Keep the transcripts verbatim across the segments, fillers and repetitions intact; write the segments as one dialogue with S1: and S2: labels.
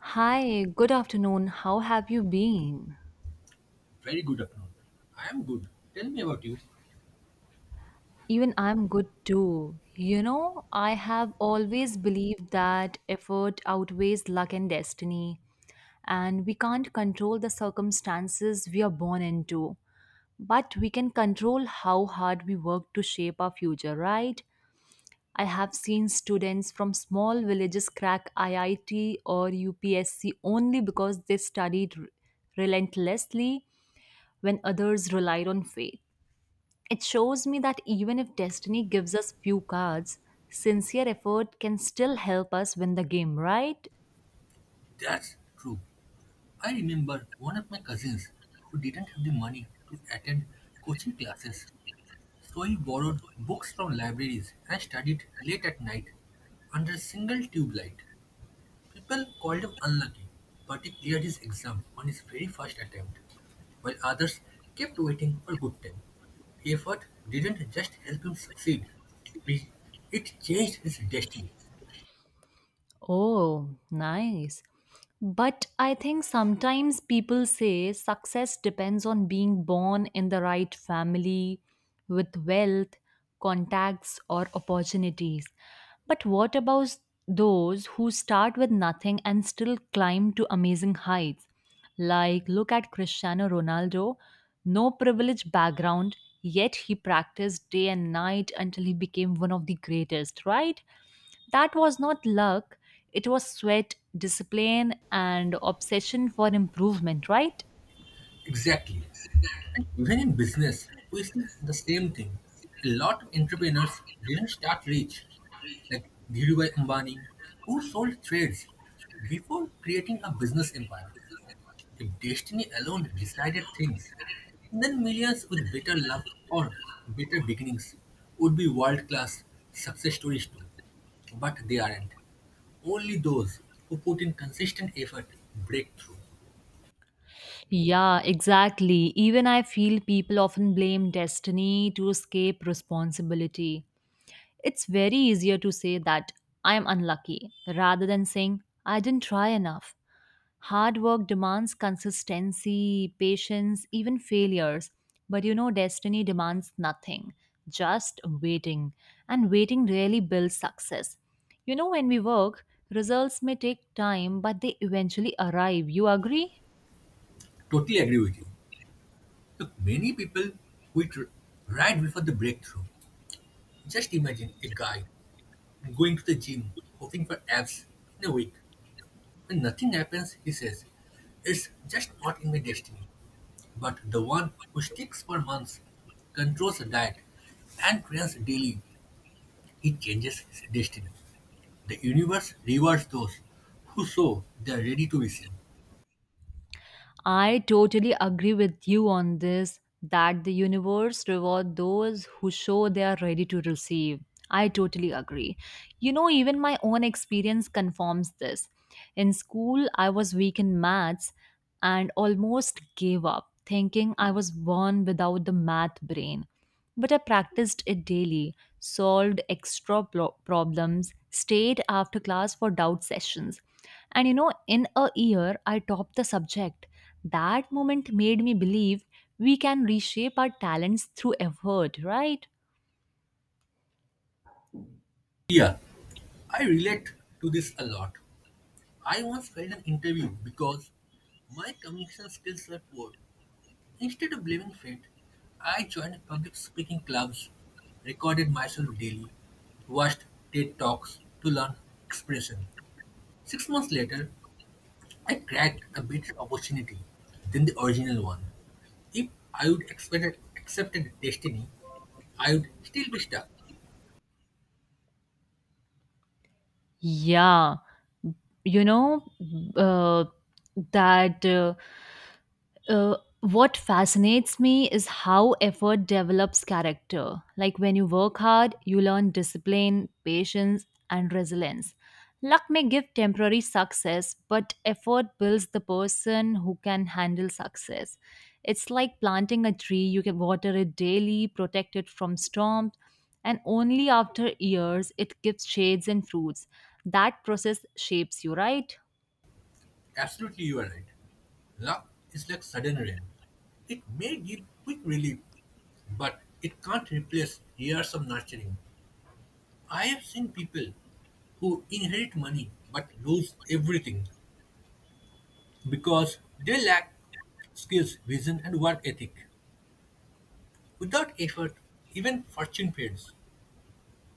S1: Hi, good afternoon. How have you been?
S2: Very good afternoon. I am good. Tell me about you.
S1: Even I'm good too. You know, I have always believed that effort outweighs luck and destiny, and we can't control the circumstances we are born into, but we can control how hard we work to shape our future, right? I have seen students from small villages crack I I T or U P S C only because they studied r- relentlessly when others relied on faith. It shows me that even if destiny gives us few cards, sincere effort can still help us win the game, right?
S2: That's true. I remember one of my cousins who didn't have the money to attend coaching classes. So he borrowed books from libraries and studied late at night under a single tube light. People called him unlucky, but he cleared his exam on his very first attempt, while others kept waiting for good time. Effort didn't just help him succeed, it it changed his destiny.
S1: Oh, nice. But I think sometimes people say success depends on being born in the right family with wealth, contacts, or opportunities. But what about those who start with nothing and still climb to amazing heights? Like, look at Cristiano Ronaldo, no privileged background, yet he practiced day and night until he became one of the greatest, right? That was not luck, it was sweat, discipline, and obsession for improvement, right?
S2: Exactly. And even in business, we see the same thing. A lot of entrepreneurs didn't start rich, like Dhirubhai Ambani, who sold trades before creating a business empire. If destiny alone decided things, then millions with better luck or better beginnings would be world class success stories too. But they aren't. Only those who put in consistent effort break through.
S1: Yeah, exactly. Even I feel people often blame destiny to escape responsibility. It's very easier to say that I'm unlucky rather than saying I didn't try enough. Hard work demands consistency, patience, even failures. But you know, destiny demands nothing, just waiting. And waiting really builds success. You know, when we work, results may take time, but they eventually arrive. You agree?
S2: Totally agree with you. Look, many people quit r- right before the breakthrough. Just imagine a guy going to the gym hoping for abs in a week. When nothing happens, he says, "It's just not in my destiny." But the one who sticks for months, controls the diet, and trains daily, he changes his destiny. The universe rewards those who show they are ready to be seen.
S1: I totally agree with you on this that the universe reward those who show they are ready to receive. I totally agree. You know, even my own experience confirms this. In school, I was weak in maths and almost gave up, thinking I was born without the math brain. But I practiced it daily, solved extra blo- problems, stayed after class for doubt sessions. And you know, in a year, I topped the subject. That moment made me believe we can reshape our talents through effort, right?
S2: Yeah, I relate to this a lot. I once failed an interview because my communication skills were poor. Instead of blaming fate, I joined public speaking clubs, recorded myself daily, watched T E D Talks to learn expression. Six months later, I cracked a better opportunity than the original one. If I would expected, accepted destiny, I would still be stuck.
S1: Yeah, you know, uh, that uh, Uh, what fascinates me is how effort develops character. Like when you work hard, you learn discipline, patience, and resilience. Luck may give temporary success, but effort builds the person who can handle success. It's like planting a tree, you can water it daily, protect it from storms, and only after years it gives shades and fruits. That process shapes you, right?
S2: Absolutely, you are right. Luck is like sudden rain. It may give quick relief, but it can't replace years of nurturing. I have seen people who inherit money but lose everything because they lack skills, vision, and work ethic. Without effort, even fortune fades.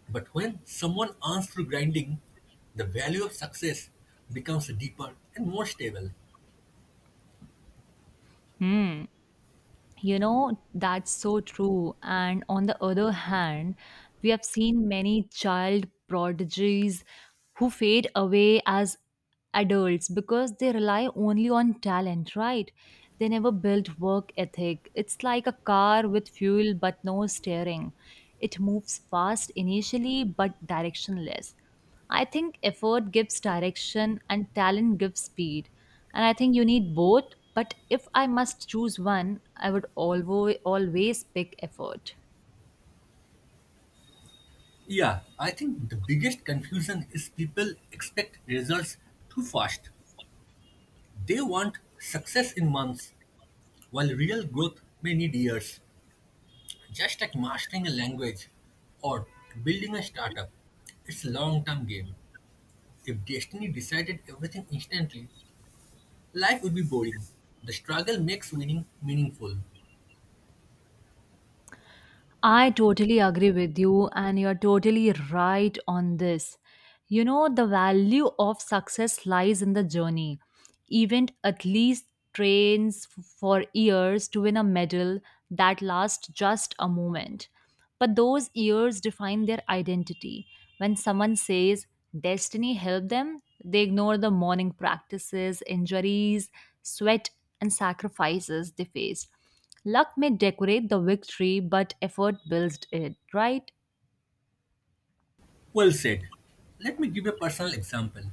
S2: But when someone earns through grinding, the value of success becomes deeper and more stable.
S1: You know, that's so true. And on the other hand, we have seen many child prodigies who fade away as adults because they rely only on talent, right? They never built work ethic. It's like a car with fuel but no steering. It moves fast initially but directionless. I think effort gives direction and talent gives speed. And I think you need both. But if I must choose one, I would always, always pick effort.
S2: Yeah, I think the biggest confusion is people expect results too fast. They want success in months, while real growth may need years, just like mastering a language or building a startup. It's a long term game. If destiny decided everything instantly, life would be boring. The struggle makes winning meaningful.
S1: I totally agree with you, and you're totally right on this. You know, the value of success lies in the journey. Event at least trains f- for years to win a medal that lasts just a moment. But those years define their identity. When someone says destiny helped them, they ignore the morning practices, injuries, sweat, and sacrifices they faced. Luck may decorate the victory, but effort builds it, right?
S2: Well said. Let me give a personal example.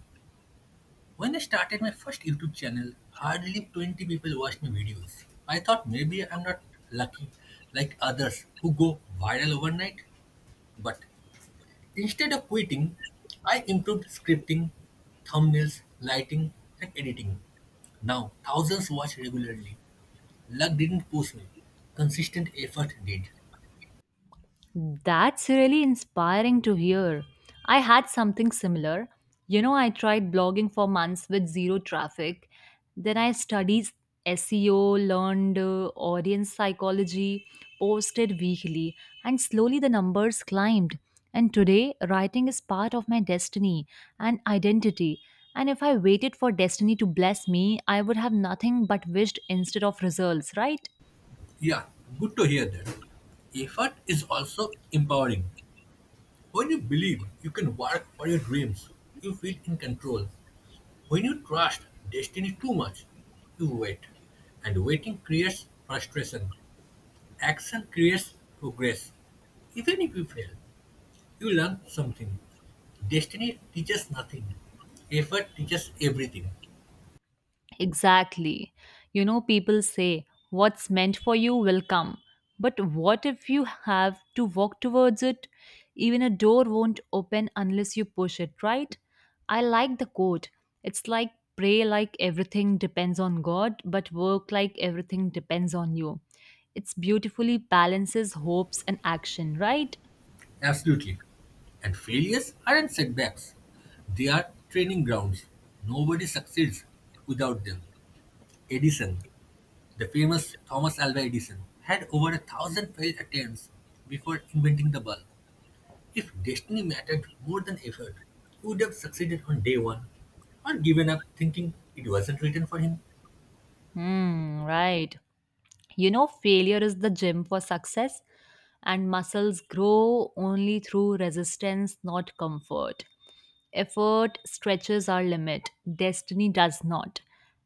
S2: When I started my first YouTube channel, hardly twenty people watched my videos. I thought maybe I'm not lucky like others who go viral overnight, but instead of quitting, I improved scripting, thumbnails, lighting, and editing. Now, thousands watch regularly. Luck didn't push me. Consistent effort did.
S1: That's really inspiring to hear. I had something similar. You know, I tried blogging for months with zero traffic. Then I studied S E O, learned uh, audience psychology, posted weekly, and slowly the numbers climbed. And today, writing is part of my destiny and identity. And if I waited for destiny to bless me, I would have nothing but wished instead of results, right?
S2: Yeah, good to hear that. Effort is also empowering. When you believe you can work for your dreams, you feel in control. When you trust destiny too much, you wait. And waiting creates frustration. Action creates progress, even if you fail. You learn something. Destiny teaches nothing. Effort teaches everything.
S1: Exactly. You know, people say what's meant for you will come. But what if you have to walk towards it? Even a door won't open unless you push it, right? I like the quote. It's like pray like everything depends on God, but work like everything depends on you. It's beautifully balances hopes and action, right?
S2: Absolutely. And failures aren't setbacks. They are training grounds. Nobody succeeds without them. Edison, the famous Thomas Alva Edison, had over a thousand failed attempts before inventing the bulb. If destiny mattered more than effort, he would have succeeded on day one or given up thinking it wasn't written for him.
S1: Hmm, right. You know, failure is the gym for success, and muscles grow only through resistance, not comfort. Effort stretches our limit, destiny does not.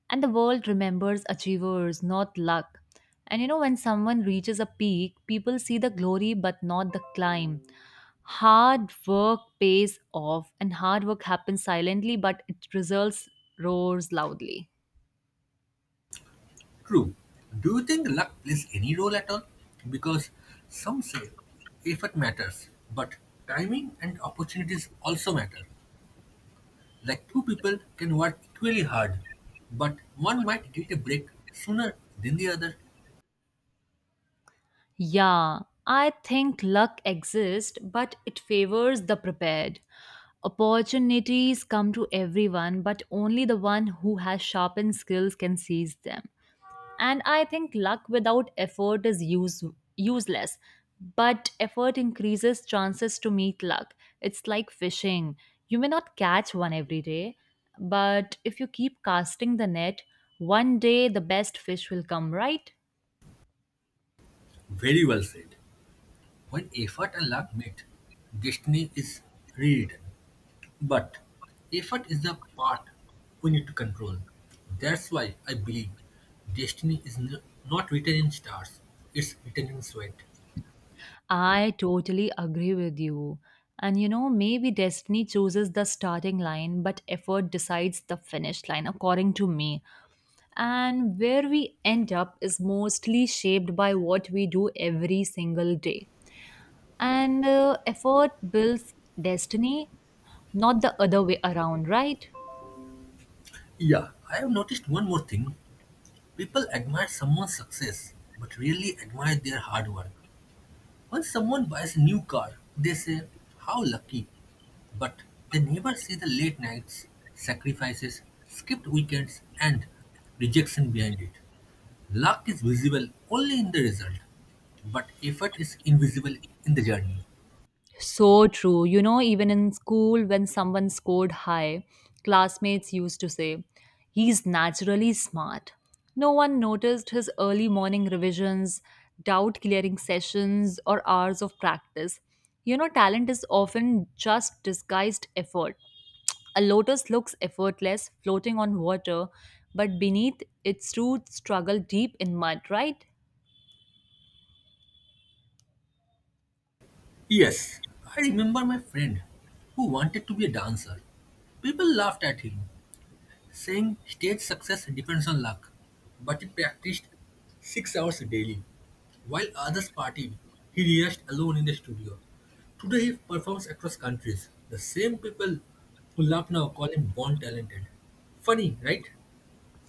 S1: And the world remembers achievers, not luck. And you know, when someone reaches a peak, people see the glory but not the climb. Hard work pays off, and hard work happens silently, but its results roars loudly.
S2: True. Do you think luck plays any role at all? Because some say effort matters, but timing and opportunities also matter. Like two people can work equally hard, but one might get a break sooner than the other.
S1: Yeah, I think luck exists, but it favors the prepared. Opportunities come to everyone, but only the one who has sharpened skills can seize them. And I think luck without effort is use- useless, but effort increases chances to meet luck. It's like fishing. You may not catch one every day, but if you keep casting the net, one day the best fish will come, right?
S2: Very well said. When effort and luck meet, destiny is rewritten. But effort is the part we need to control. That's why I believe destiny is n- not written in stars, it's written in sweat.
S1: I totally agree with you. And you know, maybe destiny chooses the starting line, but effort decides the finish line, according to me. And where we end up is mostly shaped by what we do every single day. And uh, effort builds destiny, not the other way around, right?
S2: Yeah, I have noticed one more thing. People admire someone's success, but really admire their hard work. When someone buys a new car, they say, "How lucky!" But they never see the late nights, sacrifices, skipped weekends, and rejection behind it. Luck is visible only in the result, but effort is invisible in the journey.
S1: So true. You know, even in school, when someone scored high, classmates used to say, he's naturally smart. No one noticed his early morning revisions, doubt clearing sessions, or hours of practice. You know, talent is often just disguised effort. A lotus looks effortless, floating on water, but beneath its roots struggle deep in mud, right?
S2: Yes, I remember my friend who wanted to be a dancer. People laughed at him, saying stage success depends on luck, but he practiced six hours daily. While others partied, he rehearsed alone in the studio. Today he performs across countries. The same people who laugh now call him born talented. Funny, right?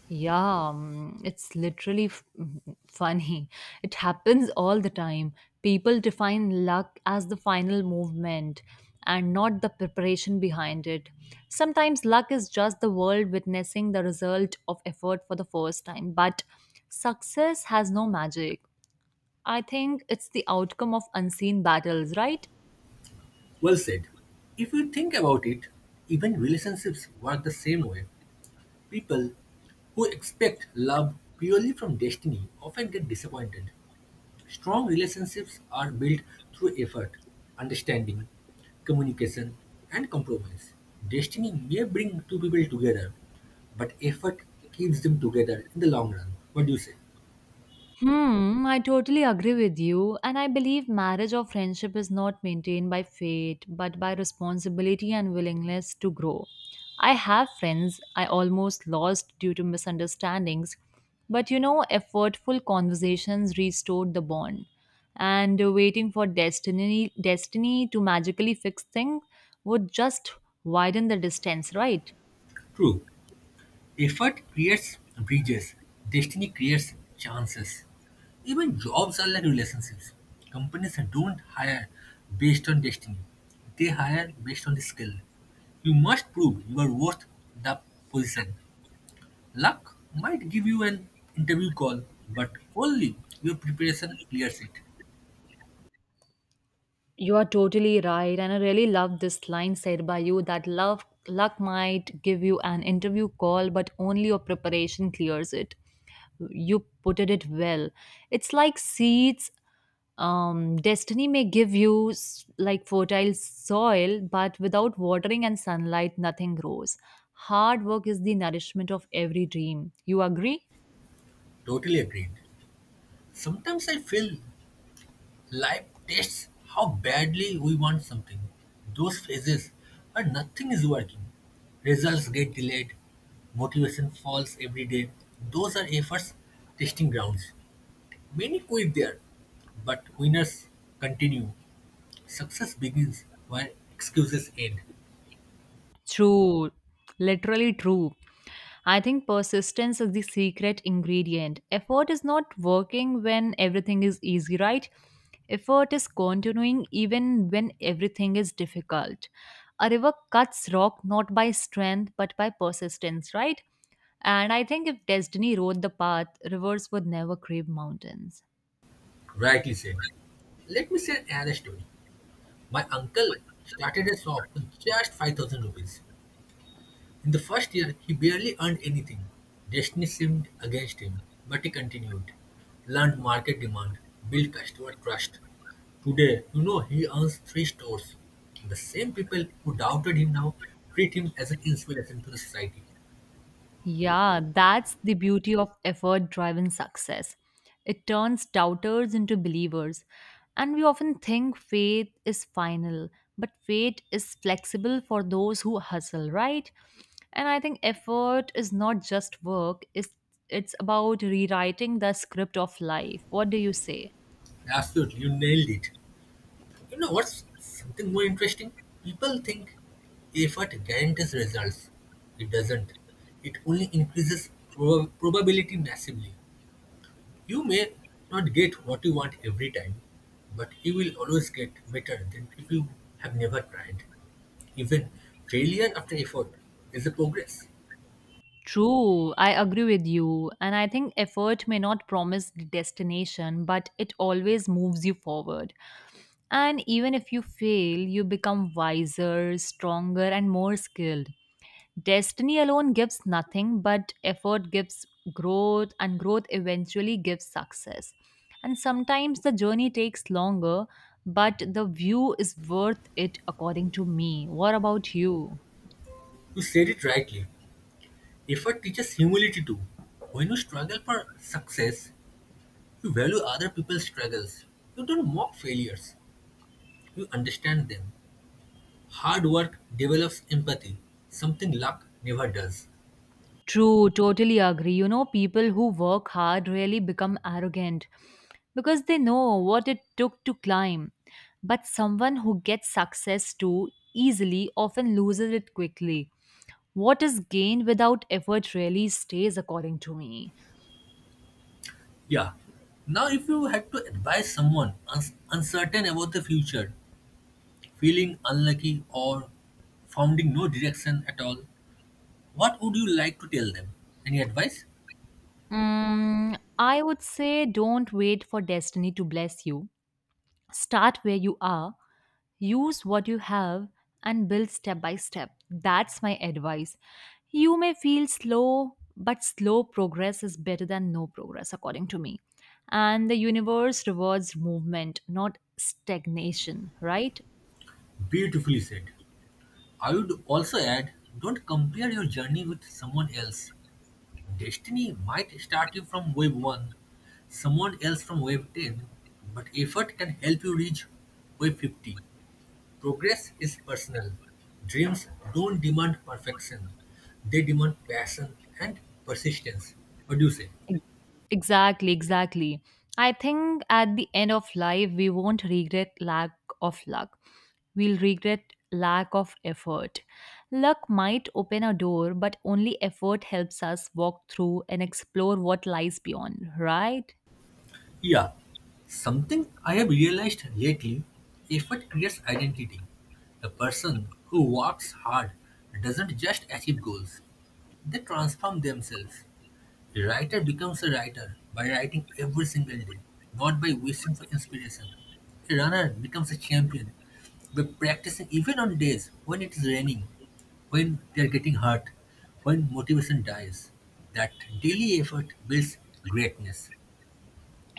S1: Yeah, mm, it's literally f- funny. It happens all the time. People define luck as the final movement and not the preparation behind it. Sometimes luck is just the world witnessing the result of effort for the first time, but success has no magic. I think it's the outcome of unseen battles, right?
S2: Well said. If you think about it, even relationships work the same way. People who expect love purely from destiny often get disappointed. Strong relationships are built through effort, understanding, communication, and compromise. Destiny may bring two people together, but effort keeps them together in the long run. What do you say?
S1: Hmm, I totally agree with you, and I believe marriage or friendship is not maintained by fate but by responsibility and willingness to grow. I have friends I almost lost due to misunderstandings, but you know, effortful conversations restored the bond. And waiting for destiny destiny to magically fix things would just widen the distance, right?
S2: True. Effort creates bridges, destiny creates chances. Even jobs are like relationships. Companies don't hire based on destiny, they hire based on the skill. You must prove you are worth the position. Luck might give you an interview call, but only your preparation clears it.
S1: You are totally right, and I really love this line said by you that love luck might give you an interview call, but only your preparation clears it. You put it well. It's like seeds. Um, destiny may give you s- like fertile soil, but without watering and sunlight, nothing grows. Hard work is the nourishment of every dream. You agree?
S2: Totally agreed. Sometimes I feel life tests how badly we want something. Those phases where nothing is working. Results get delayed, motivation falls every day. Those are efforts testing grounds. Many quit there, but winners continue. Success begins where excuses end.
S1: True, literally true. I think persistence is the secret ingredient. Effort is not working when everything is easy, right? Effort is continuing even when everything is difficult. A river cuts rock not by strength but by persistence, right? And I think if destiny wrote the path, rivers would never crave mountains.
S2: Rightly said. Let me share another story. My uncle started a shop with just five thousand rupees. In the first year, he barely earned anything. Destiny seemed against him, but he continued. Learned market demand, built customer trust. Today, you know, he owns three stores. The same people who doubted him now treat him as an inspiration to the society.
S1: Yeah, that's the beauty of effort driven success. It turns doubters into believers. And we often think faith is final, but faith is flexible for those who hustle, right? And I think effort is not just work, it's, it's about rewriting the script of life. What do you say?
S2: Absolutely, you nailed it. You know what's something more interesting? People think effort guarantees results. It doesn't. It only increases prob- probability massively. You may not get what you want every time, but you will always get better than if you have never tried. Even failure after effort is a progress.
S1: True, I agree with you. And I think effort may not promise the destination, but it always moves you forward. And even if you fail, you become wiser, stronger, and more skilled. Destiny alone gives nothing, but effort gives growth, and growth eventually gives success. And sometimes the journey takes longer, but the view is worth it, according to me. What about you?
S2: You said it rightly. Effort teaches humility too. When you struggle for success, you value other people's struggles. You don't mock failures, you understand them. Hard work develops empathy, something luck never does.
S1: True, totally agree. You know, people who work hard really become arrogant because they know what it took to climb. But someone who gets success too easily often loses it quickly. What is gained without effort really stays, according to me.
S2: Yeah. Now, if you had to advise someone uns- uncertain about the future, feeling unlucky, or finding no direction at all, what would you like to tell them? Any advice?
S1: Mm, I would say don't wait for destiny to bless you. Start where you are. Use what you have and build step by step. That's my advice. You may feel slow, but slow progress is better than no progress, according to me. And the universe rewards movement, not stagnation, right?
S2: Beautifully said. I would also add, don't compare your journey with someone else. Destiny might start you from wave one, someone else from wave ten, but effort can help you reach wave fifty. Progress is personal. Dreams don't demand perfection. They demand passion and persistence. What do you say?
S1: Ex- Exactly, exactly. I think at the end of life, we won't regret lack of luck. We'll regret lack of effort. Luck might open a door, but only effort helps us walk through and explore what lies beyond, right?
S2: Yeah. Something I have realized lately, effort creates identity. The person who works hard doesn't just achieve goals, they transform themselves. A writer becomes a writer by writing every single day, not by wishing for inspiration. A runner becomes a champion by practicing even on days when it is raining, when they are getting hurt, when motivation dies. That daily effort builds greatness.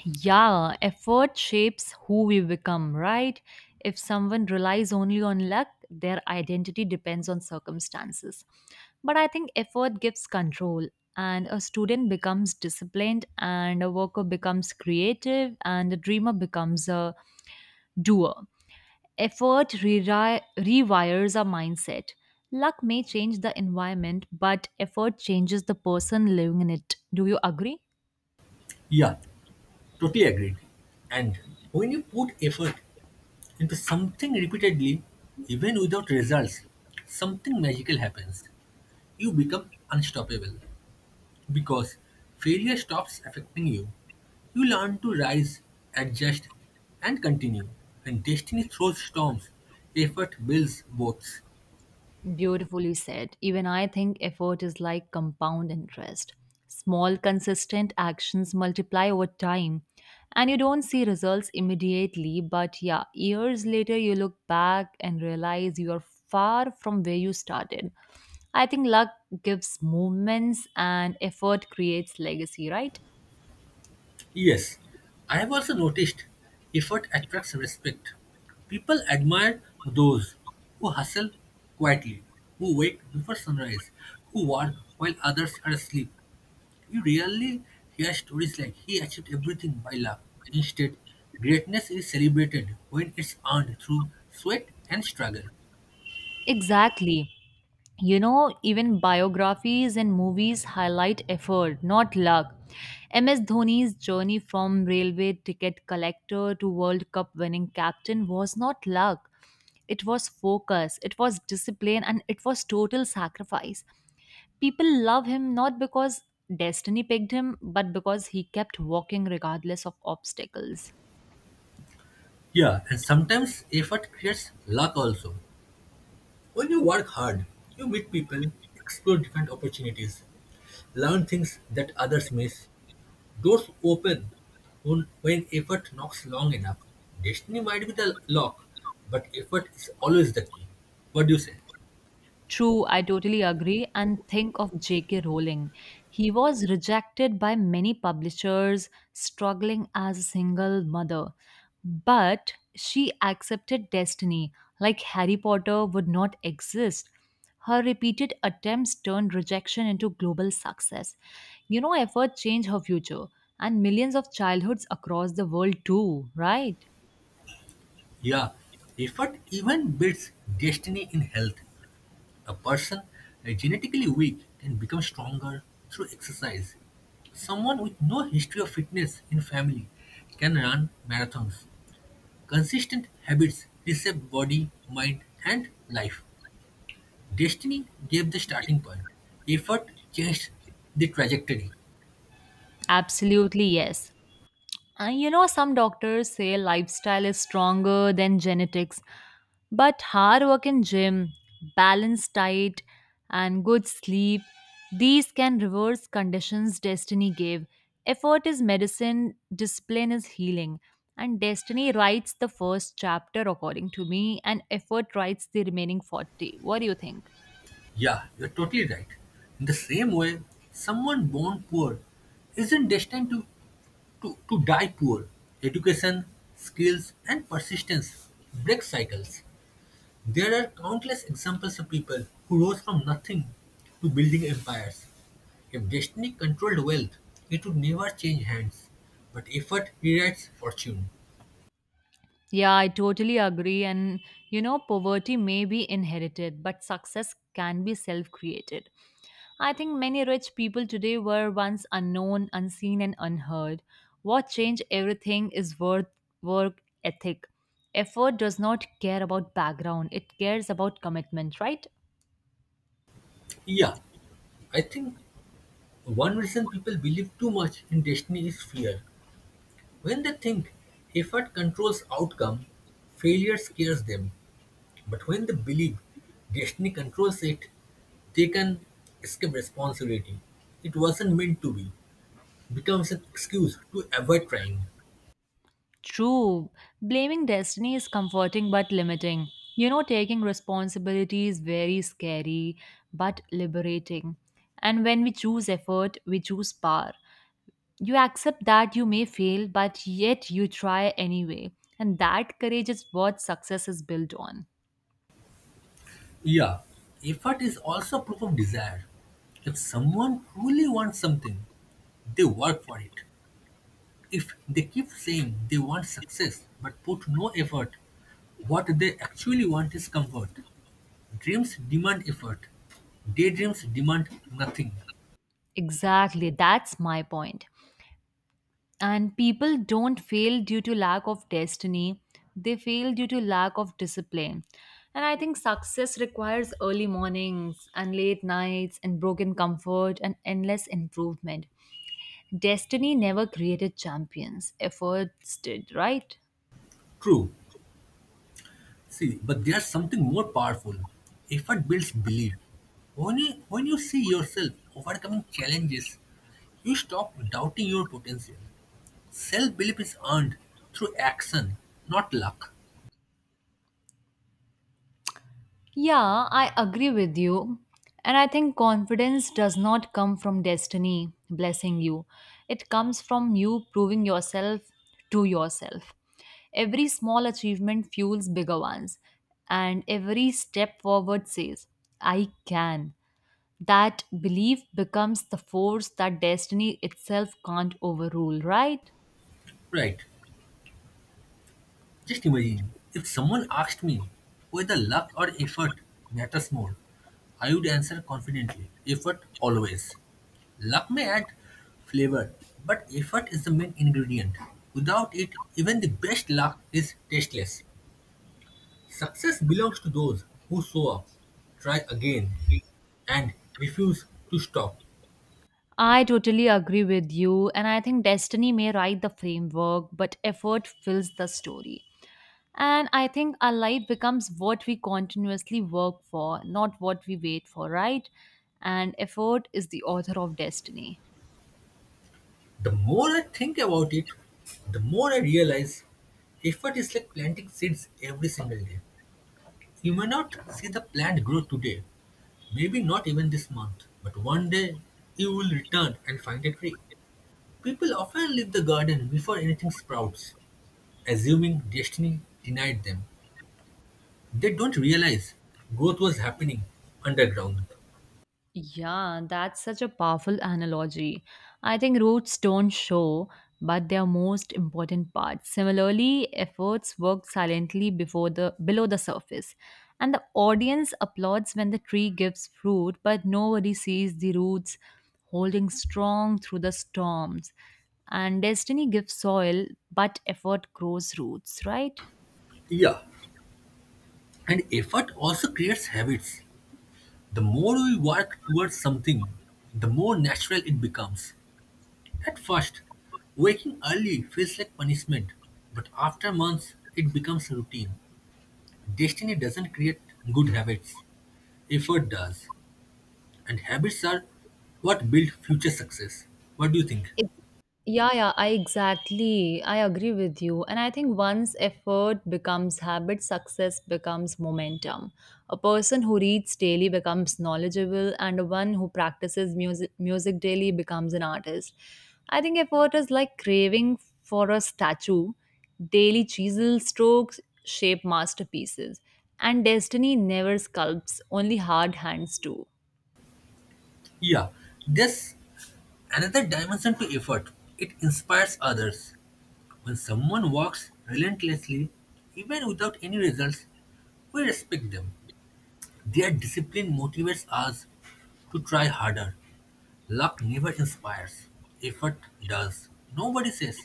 S1: Yeah, effort shapes who we become, right? If someone relies only on luck, their identity depends on circumstances. But I think effort gives control, and a student becomes disciplined, and a worker becomes creative, and a dreamer becomes a doer. Effort reri- rewires our mindset. Luck may change the environment, but effort changes the person living in it. Do you agree?
S2: Yeah, totally agreed. And when you put effort into something repeatedly, even without results, something magical happens. You become unstoppable. Because failure stops affecting you. You learn to rise, adjust, and continue. When destiny throws storms, effort builds boats.
S1: Beautifully said. Even I think effort is like compound interest. Small, consistent actions multiply over time, and you don't see results immediately. But yeah, years later, you look back and realize you are far from where you started. I think luck gives movements and effort creates legacy, right?
S2: Yes, I have also noticed effort attracts respect. People admire those who hustle quietly, who wake before sunrise, who work while others are asleep. You rarely hear stories like he achieved everything by luck. Instead, greatness is celebrated when it's earned through sweat and struggle.
S1: Exactly. You know, even biographies and movies highlight effort, not luck. M S Dhoni's journey from railway ticket collector to World Cup winning captain was not luck. It was focus, it was discipline, and it was total sacrifice. People love him not because destiny picked him, but because he kept walking regardless of obstacles.
S2: Yeah, and sometimes effort creates luck also. When you work hard, you meet people, explore different opportunities, learn things that others miss. Doors open when, when effort knocks long enough. Destiny might be the lock, but effort is always the key. What do you say?
S1: True, I totally agree. And think of J K. Rowling. He was rejected by many publishers, struggling as a single mother. But she accepted destiny, like Harry Potter would not exist. Her repeated attempts turned rejection into global success. You know, effort changed her future and millions of childhoods across the world, too, right?
S2: Yeah, effort even beats destiny in health. A person uh, genetically weak can become stronger through exercise. Someone with no history of fitness in family can run marathons. Consistent habits reshape body, mind, and life. Destiny gave the starting point. Effort changed the trajectory.
S1: Absolutely, yes. Uh, you know, some doctors say lifestyle is stronger than genetics, but hard work in gym, balanced diet, and good sleep, these can reverse conditions destiny gave. Effort is medicine, discipline is healing, and destiny writes the first chapter, according to me, and effort writes the remaining forty. What do you think?
S2: Yeah, you're totally right. In the same way, someone born poor isn't destined to To, to die poor. Education, skills, and persistence break cycles. There are countless examples of people who rose from nothing to building empires. If destiny controlled wealth, it would never change hands. But effort rewrites fortune.
S1: Yeah, I totally agree. And you know, poverty may be inherited, but success can be self created. I think many rich people today were once unknown, unseen, and unheard. What changed everything is worth work ethic. Effort does not care about background, it cares about commitment, right?
S2: Yeah, I think one reason people believe too much in destiny is fear. When they think effort controls outcome, failure scares them. But when they believe destiny controls it, they can escape responsibility. "It wasn't meant to be," becomes an excuse to avoid trying.
S1: True. Blaming destiny is comforting but limiting. You know, taking responsibility is very scary but liberating. And when we choose effort, we choose power. You accept that you may fail, but yet you try anyway. And that courage is what success is built on.
S2: Yeah, effort is also proof of desire. If someone truly wants something, they work for it. If they keep saying they want success but put no effort, what they actually want is comfort. Dreams demand effort. Daydreams demand nothing.
S1: Exactly, that's my point. And people don't fail due to lack of destiny, they fail due to lack of discipline. And I think success requires early mornings and late nights and broken comfort and endless improvement. Destiny never created champions, efforts did, right?
S2: True. See, but there's something more powerful. Effort builds belief. When you, when you see yourself overcoming challenges, you stop doubting your potential. Self belief is earned through action, not luck.
S1: Yeah, I agree with you. And I think confidence does not come from destiny blessing you, it comes from you proving yourself to yourself. Every small achievement fuels bigger ones, and every step forward says, I can. That belief becomes the force that destiny itself can't overrule, right?
S2: Right. Just imagine if someone asked me whether luck or effort matters more, I would answer confidently effort always. Luck may add flavor, but effort is the main ingredient. Without it, even the best luck is tasteless. Success belongs to those who show up, try again, and refuse to stop.
S1: I totally agree with you, and I think destiny may write the framework, but effort fills the story. And I think our life becomes what we continuously work for, not what we wait for, right? And effort is the author of destiny.
S2: The more I think about it, the more I realize effort is like planting seeds every single day. You may not see the plant grow today, maybe not even this month, but one day you will return and find a tree. People often leave the garden before anything sprouts, assuming destiny denied them. They don't realize growth was happening underground.
S1: Yeah, that's such a powerful analogy. I think roots don't show, but they are most important parts. Similarly, efforts work silently before the below the surface. And the audience applauds when the tree gives fruit, but nobody sees the roots holding strong through the storms. And destiny gives soil, but effort grows roots, right?
S2: Yeah, and effort also creates habits. The more we work towards something, the more natural it becomes. At first, waking early feels like punishment, but after months, it becomes routine. Destiny doesn't create good habits, effort does. And habits are what build future success. What do you think?
S1: Ex- Yeah, yeah, I exactly. I agree with you. And I think once effort becomes habit, success becomes momentum. A person who reads daily becomes knowledgeable, and one who practices music, music daily becomes an artist. I think effort is like craving for a statue. Daily chisel strokes shape masterpieces, and destiny never sculpts, only hard hands do.
S2: Yeah, there's another dimension to effort. It inspires others. When someone works relentlessly, even without any results, we respect them. Their discipline motivates us to try harder. Luck never inspires, effort does. Nobody says,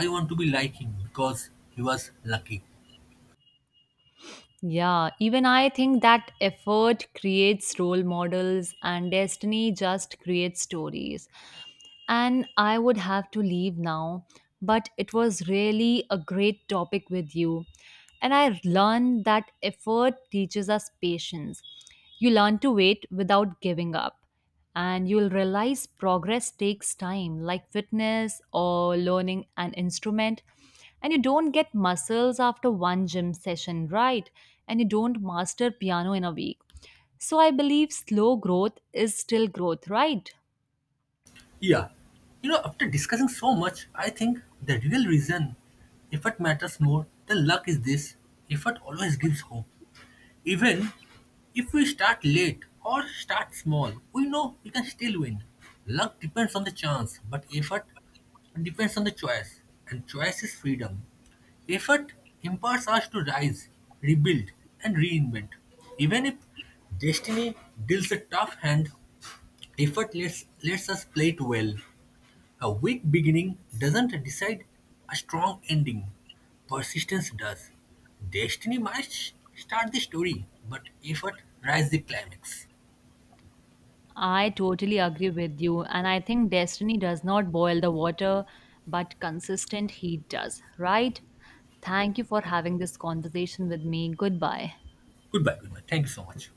S2: "I want to be like him because he was lucky."
S1: Yeah, even I think that effort creates role models and destiny just creates stories. And I would have to leave now, but it was really a great topic with you. And I learned that effort teaches us patience. You learn to wait without giving up and you'll realize progress takes time, like fitness or learning an instrument. And you don't get muscles after one gym session, right? And you don't master piano in a week. So I believe slow growth is still growth, right?
S2: Yeah. You know, after discussing so much, I think the real reason effort matters more than luck is this: effort always gives hope. Even if we start late or start small, we know we can still win. Luck depends on the chance, but effort depends on the choice, and choice is freedom. Effort empowers us to rise, rebuild, and reinvent. Even if destiny deals a tough hand, effort lets, lets us play it well. A weak beginning doesn't decide a strong ending. Persistence does. Destiny might sh- start the story, but effort rides the climax.
S1: I totally agree with you. And I think destiny does not boil the water, but consistent heat does, right? Thank you for having this conversation with me. Goodbye.
S2: Goodbye, goodbye. Thank you so much.